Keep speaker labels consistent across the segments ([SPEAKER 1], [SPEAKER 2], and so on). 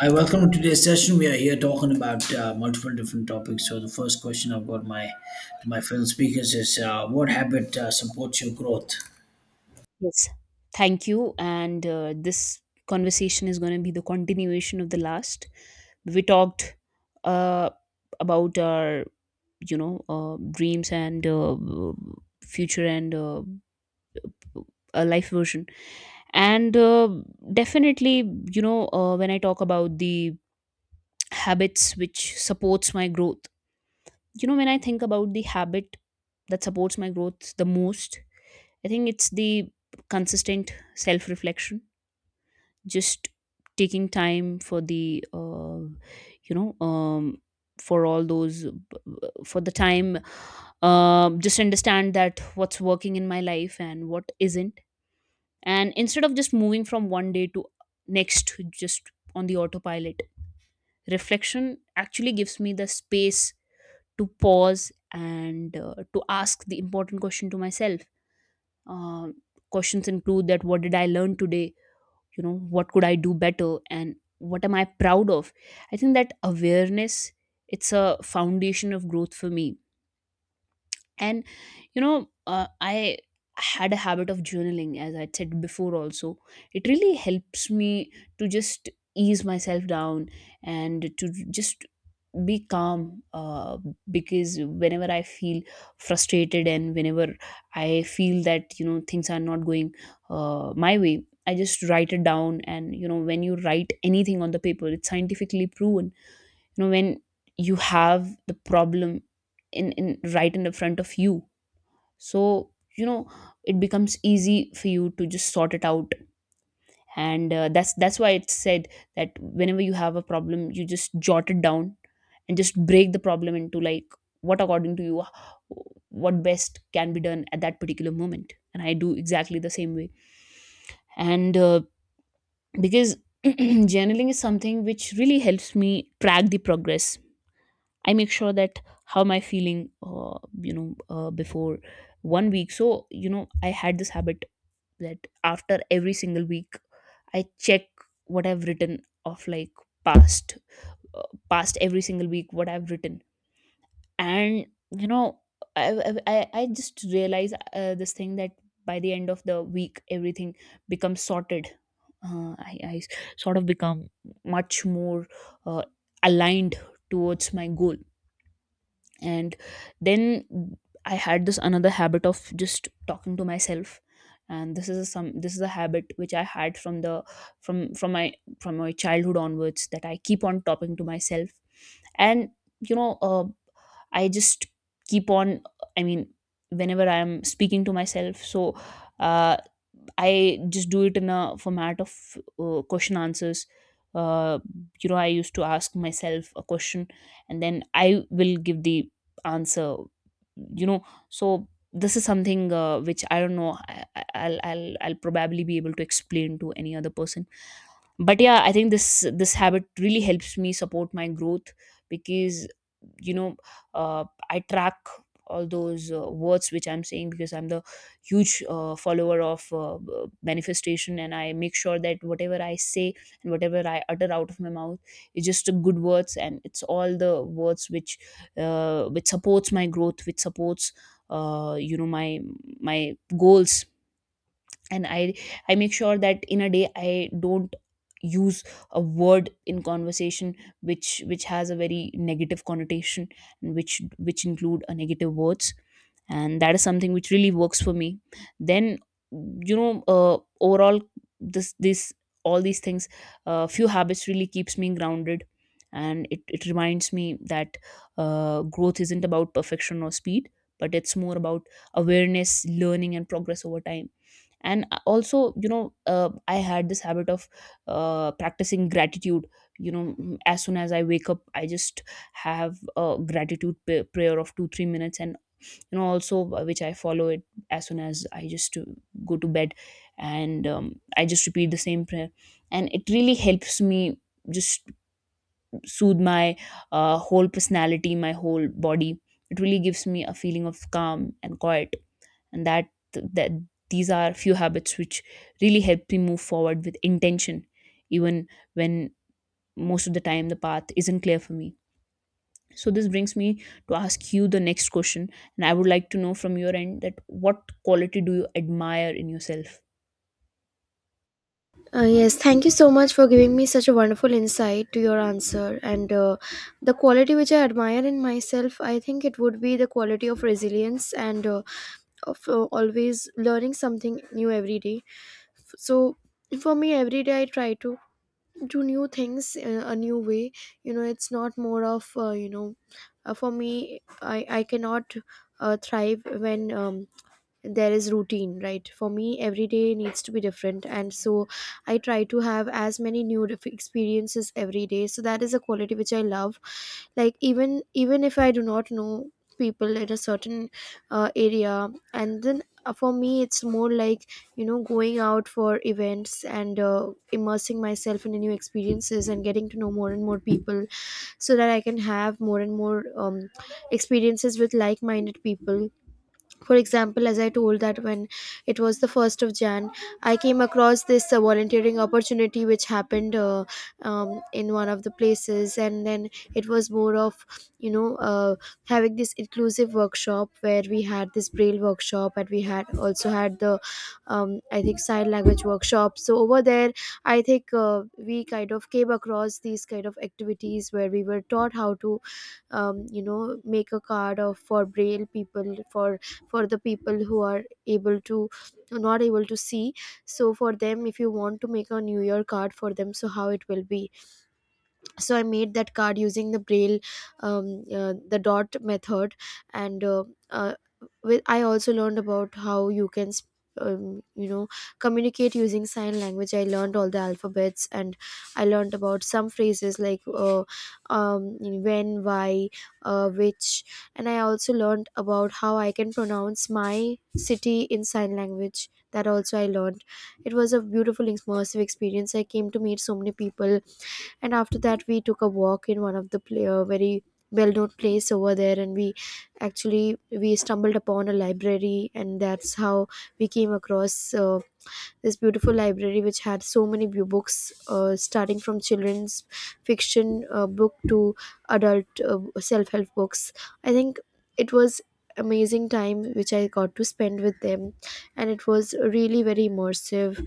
[SPEAKER 1] Hi, welcome to today's session. We are here talking about multiple different topics. So the first question I've got my to my fellow speakers is, what habit supports your growth?
[SPEAKER 2] Yes. Thank you. And this conversation is going to be the continuation of the last. We talked uh, about our dreams and future and a life version. And definitely, you know, when I talk about the habits which supports my growth, you know, when I think about the habit that supports my growth the most, I think it's the consistent self reflection, just taking time for the you know for all those for the time, just understand that what's working in my life and what isn't, and instead of just moving from one day to next just on the autopilot. Reflection actually gives me the space to pause and to ask the important question to myself. uh, Questions include that what did I learn today, you know, what could I do better, and what am I proud of. I think that awareness, it's a foundation of growth for me. And I had a habit of journaling, as I said before also. It really helps me to just ease myself down, and to just be calm, because whenever I feel frustrated, and whenever I feel that, you know, things are not going my way, I just write it down. And you know, when you write anything on the paper, it's scientifically proven. You know, when you have the problem in right in the front of you, so, you know, it becomes easy for you to just sort it out. And that's why it's said that whenever you have a problem, you just jot it down, and just break the problem into, like, what according to you, what best can be done at that particular moment. And I do exactly the same way. And Because journaling is something which really helps me track the progress. I make sure that how am I feeling, before 1 week. So you know, I had this habit that after every single week I check what I've written of, like, past, past every single week, what I've written. And you know, I just realize this thing that by the end of the week everything becomes sorted. I sort of become much more uh, aligned towards my goal. And then I had this another habit of just talking to myself. And this is a, some this is a habit which I had from the from from my from my childhood onwards, that I keep on talking to myself. And you know uh, I just keep on, I mean, whenever I am speaking to myself, so, uh, I just do it in a format of question answers. Uh, you know I used to ask myself a question, and then I will give the answer, you know. So this is something, which I don't know, I'll probably be able to explain to any other person. But yeah, I think this this habit really helps me support my growth, because, you know uh, I track all those words which I'm saying, because I'm the huge follower of manifestation. And I make sure that whatever I say and whatever I utter out of my mouth is just a good words, and it's all the words which supports my growth, which supports my my goals. And I make sure that in a day I don't use a word in conversation which has a very negative connotation, and which include a negative words. And that is something which really works for me. Then, overall, this all these things, few habits really keeps me grounded. And it reminds me that growth isn't about perfection or speed, but it's more about awareness, learning and progress over time. And also, I had this habit of practicing gratitude. You know, as soon as I wake up, I just have a gratitude prayer of 2 3 minutes. And you know, also, which I follow it as soon as I just go to bed, and I just repeat the same prayer. And it really helps me just soothe my whole personality, my whole body. It really gives me a feeling of calm and quiet. And that that these are few habits which really help me move forward with intention, even when most of the time the path isn't clear for me. So this brings me to ask you the next question, and I would like to know from your end that what quality do you admire in yourself.
[SPEAKER 3] Yes, thank you so much for giving me such a wonderful insight to your answer. And The quality which I admire in myself, I think it would be the quality of resilience and of always learning something new every day. So for me, every day I try to do new things in a new way. You know, it's not more of you know, for me, I cannot thrive when there is routine, right? For me, every day needs to be different, and so I try to have as many new experiences every day. So that is a quality which I love, like even if I do not know people in a certain area. And then For me, it's more like, you know, going out for events and immersing myself in the new experiences and getting to know more and more people, so that I can have more and more experiences with like-minded people. For example, as I told, that when it was the 1st of Jan, I came across this volunteering opportunity which happened, in one of the places. And then it was more of, you know, having this inclusive workshop, where we had this braille workshop and we had also had the, I think, sign language workshop. So over there, I think, we kind of came across these kind of activities, where we were taught how to, you know, make a card of for braille people, for the people who are able to, not able to see. So for them, if you want to make a new year card for them, so how it will be. So I made that card using the braille, the dot method. and uh, uh, I also learned about how you can you know, communicate using sign language. I learned all the alphabets, and I learned about some phrases like, when, why, which. And I also learned about how I can pronounce my city in sign language. That also I learned. It was a beautiful immersive experience. I came to meet so many people. And after that, we took a walk in one of the pla very well-known place over there, and we actually, we stumbled upon a library, and that's how we came across, uh, this beautiful library, which had so many books, starting from children's fiction book to adult self-help books. I think it was amazing time which I got to spend with them, and it was really very immersive.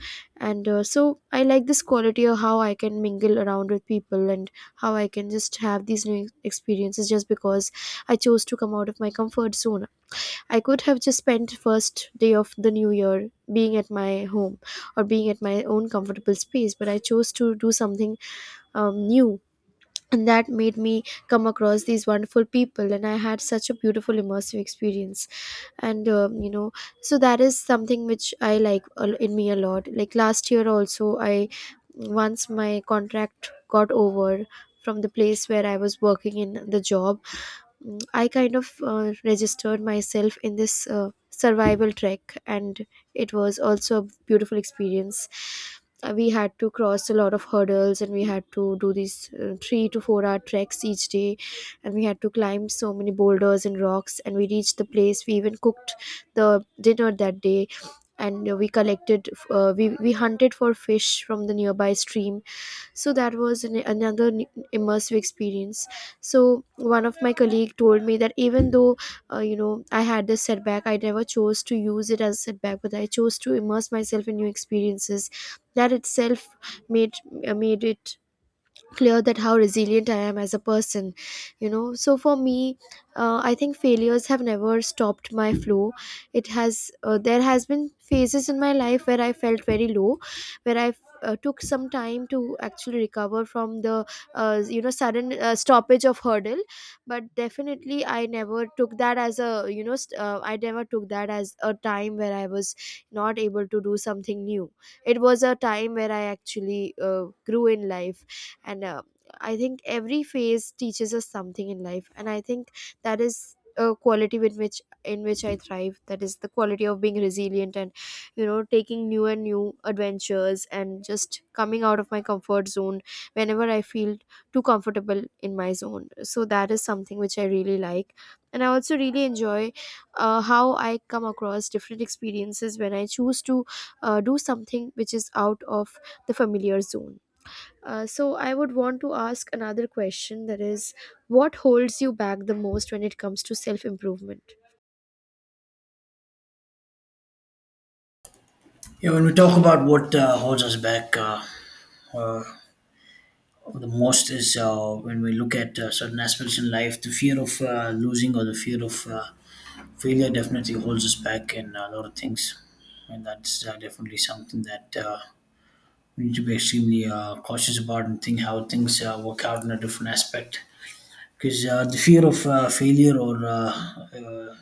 [SPEAKER 3] And So I like this quality of how I can mingle around with people, and how I can just have these new experiences just because I chose to come out of my comfort zone. I could have just spent first day of the new year being at my home, or being at my own comfortable space, but I chose to do something new. And that made me come across these wonderful people, and I had such a beautiful immersive experience. And so that is something which I like in me a lot. Like last year, also, I, once my contract got over from the place where I was working in the job, I kind of registered myself in this survival trek, and it was also a beautiful experience. We had to cross a lot of hurdles, and we had to do these 3 to 4 hour treks each day, and we had to climb so many boulders and rocks. And we reached the place. We even cooked the dinner that day. And We collected, we hunted for fish from the nearby stream. So that was another immersive experience. So one of my colleague told me that, even though, you know, I had this setback, I never chose to use it as a setback, but I chose to immerse myself in new experiences. That itself made, made it clear that how resilient I am as a person. You know, so for me, I think failures have never stopped my flow. It has There has been phases in my life where I felt very low, where I, took some time to actually recover from the, you know, sudden stoppage of hurdle. But definitely, I never took that as a, I never took that as a time where I was not able to do something new. It was a time where I actually, uh, grew in life. And I think every phase teaches us something in life, and I think that is a quality with which, in which I thrive. That is the quality of being resilient, and you know, taking new and new adventures and just coming out of my comfort zone whenever I feel too comfortable in my zone. So that is something which I really like. And I also really enjoy how I come across different experiences when I choose to do something which is out of the familiar zone. So I would want to ask another question, that is, what holds you back the most when it comes to self improvement?
[SPEAKER 1] Yeah, when we talk about what holds us back uh, the most is when we look at certain aspects in life, the fear of losing or the fear of failure definitely holds us back in a lot of things, and that's definitely something that we need to be extremely cautious about and think how things work out in a different aspect because the fear of failure or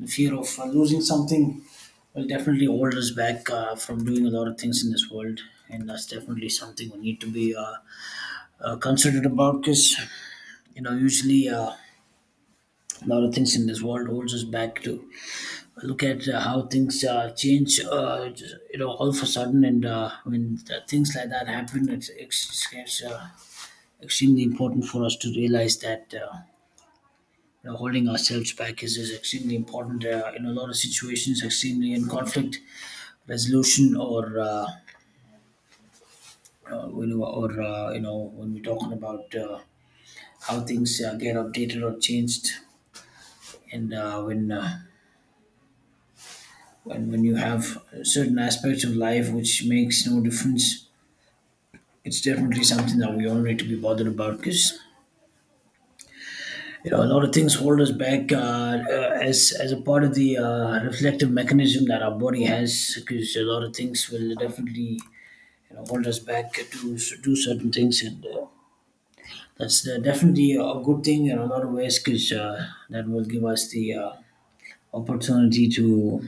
[SPEAKER 1] the fear of losing something will definitely hold us back from doing a lot of things in this world and that's definitely something we need to be considerate about because you know usually a lot of things in this world holds us back to look at how things change just, you know all of a sudden and when things like that happen it's extremely important for us to realize that you know, holding ourselves back is extremely important in a lot of situations, extremely in conflict resolution or when you- or you know when we're talking about how things get updated or changed, and when when you have certain aspects of life which makes no difference, it's definitely something that we all need to be bothered about. Because. You know, a lot of things hold us back as a part of the reflective mechanism that our body has, because a lot of things will definitely you know hold us back to do certain things and that's definitely a good thing in a lot of ways because that will give us the opportunity to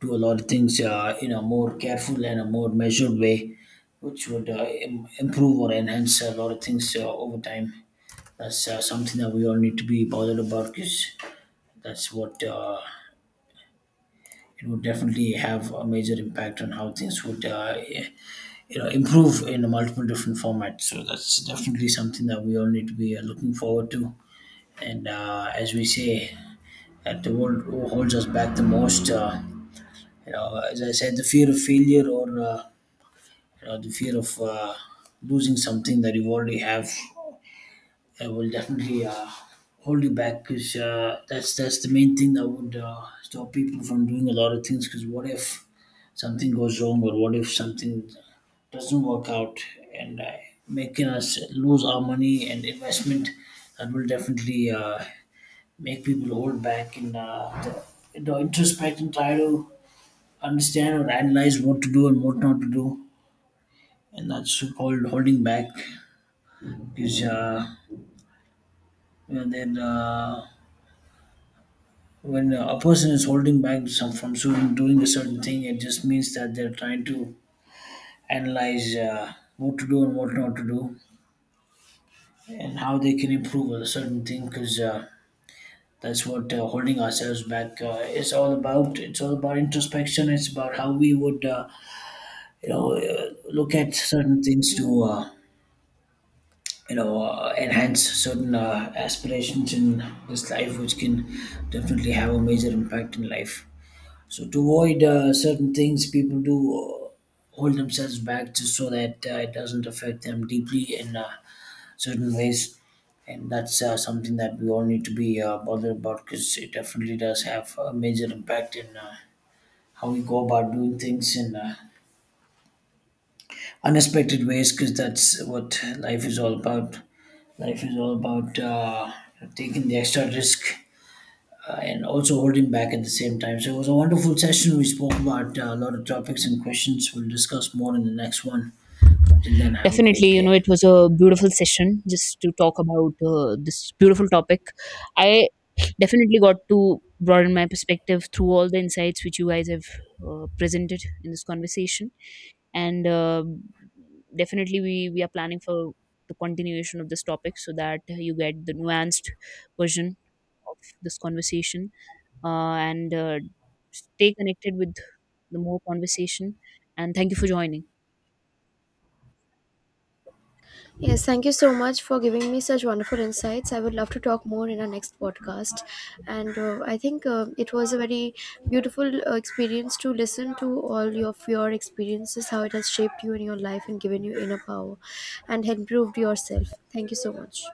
[SPEAKER 1] do a lot of things in a more careful and a more measured way which would improve or enhance a lot of things over time. That's something that we all need to be bothered about because that's what it would definitely have a major impact on how things would you know improve in multiple different formats. So that's definitely something that we all need to be looking forward to. And as we say, that the world holds us back the most. You know, as I said, the fear of failure or you know the fear of losing something that you already have. I will definitely hold you back because that's the main thing that would stop people from doing a lot of things. Because what if something goes wrong, or what if something doesn't work out, and making us lose our money and investment, that will definitely make people hold back and you introspect and try to understand or analyze what to do and what not to do, and that's called holding back. Because you know, then, when a person is holding back some from doing a certain thing, it just means that they're trying to analyze what to do and what not to do, and how they can improve on a certain thing. Because that's what holding ourselves back is all about. It's all about introspection. It's about how we would, look at certain things to enhance certain aspirations in this life, which can definitely have a major impact in life. So to avoid certain things, people do hold themselves back just so that it doesn't affect them deeply in certain ways, and that's something that we all need to be bothered about because it definitely does have a major impact in how we go about doing things in unexpected ways because that's what life is all about. Life is all about taking the extra risk and also holding back at the same time. So it was a wonderful session. We spoke about a lot of topics and questions. We'll discuss more in the next one. Until then, have a
[SPEAKER 2] Definitely,
[SPEAKER 1] great
[SPEAKER 2] you know,
[SPEAKER 1] day.
[SPEAKER 2] it was a beautiful session just to talk about this beautiful topic. I definitely got to broaden my perspective through all the insights which you guys have presented in this conversation. And definitely, we are planning for the continuation of this topic, so that you get the nuanced version of this conversation. And Stay connected with the more conversation. And thank you for joining.
[SPEAKER 3] Yes, thank you so much for giving me such wonderful insights. I would love to talk more in our next podcast. And I think it was a very beautiful experience to listen to all of your experiences, how it has shaped you in your life and given you inner power and improved yourself. Thank you so much.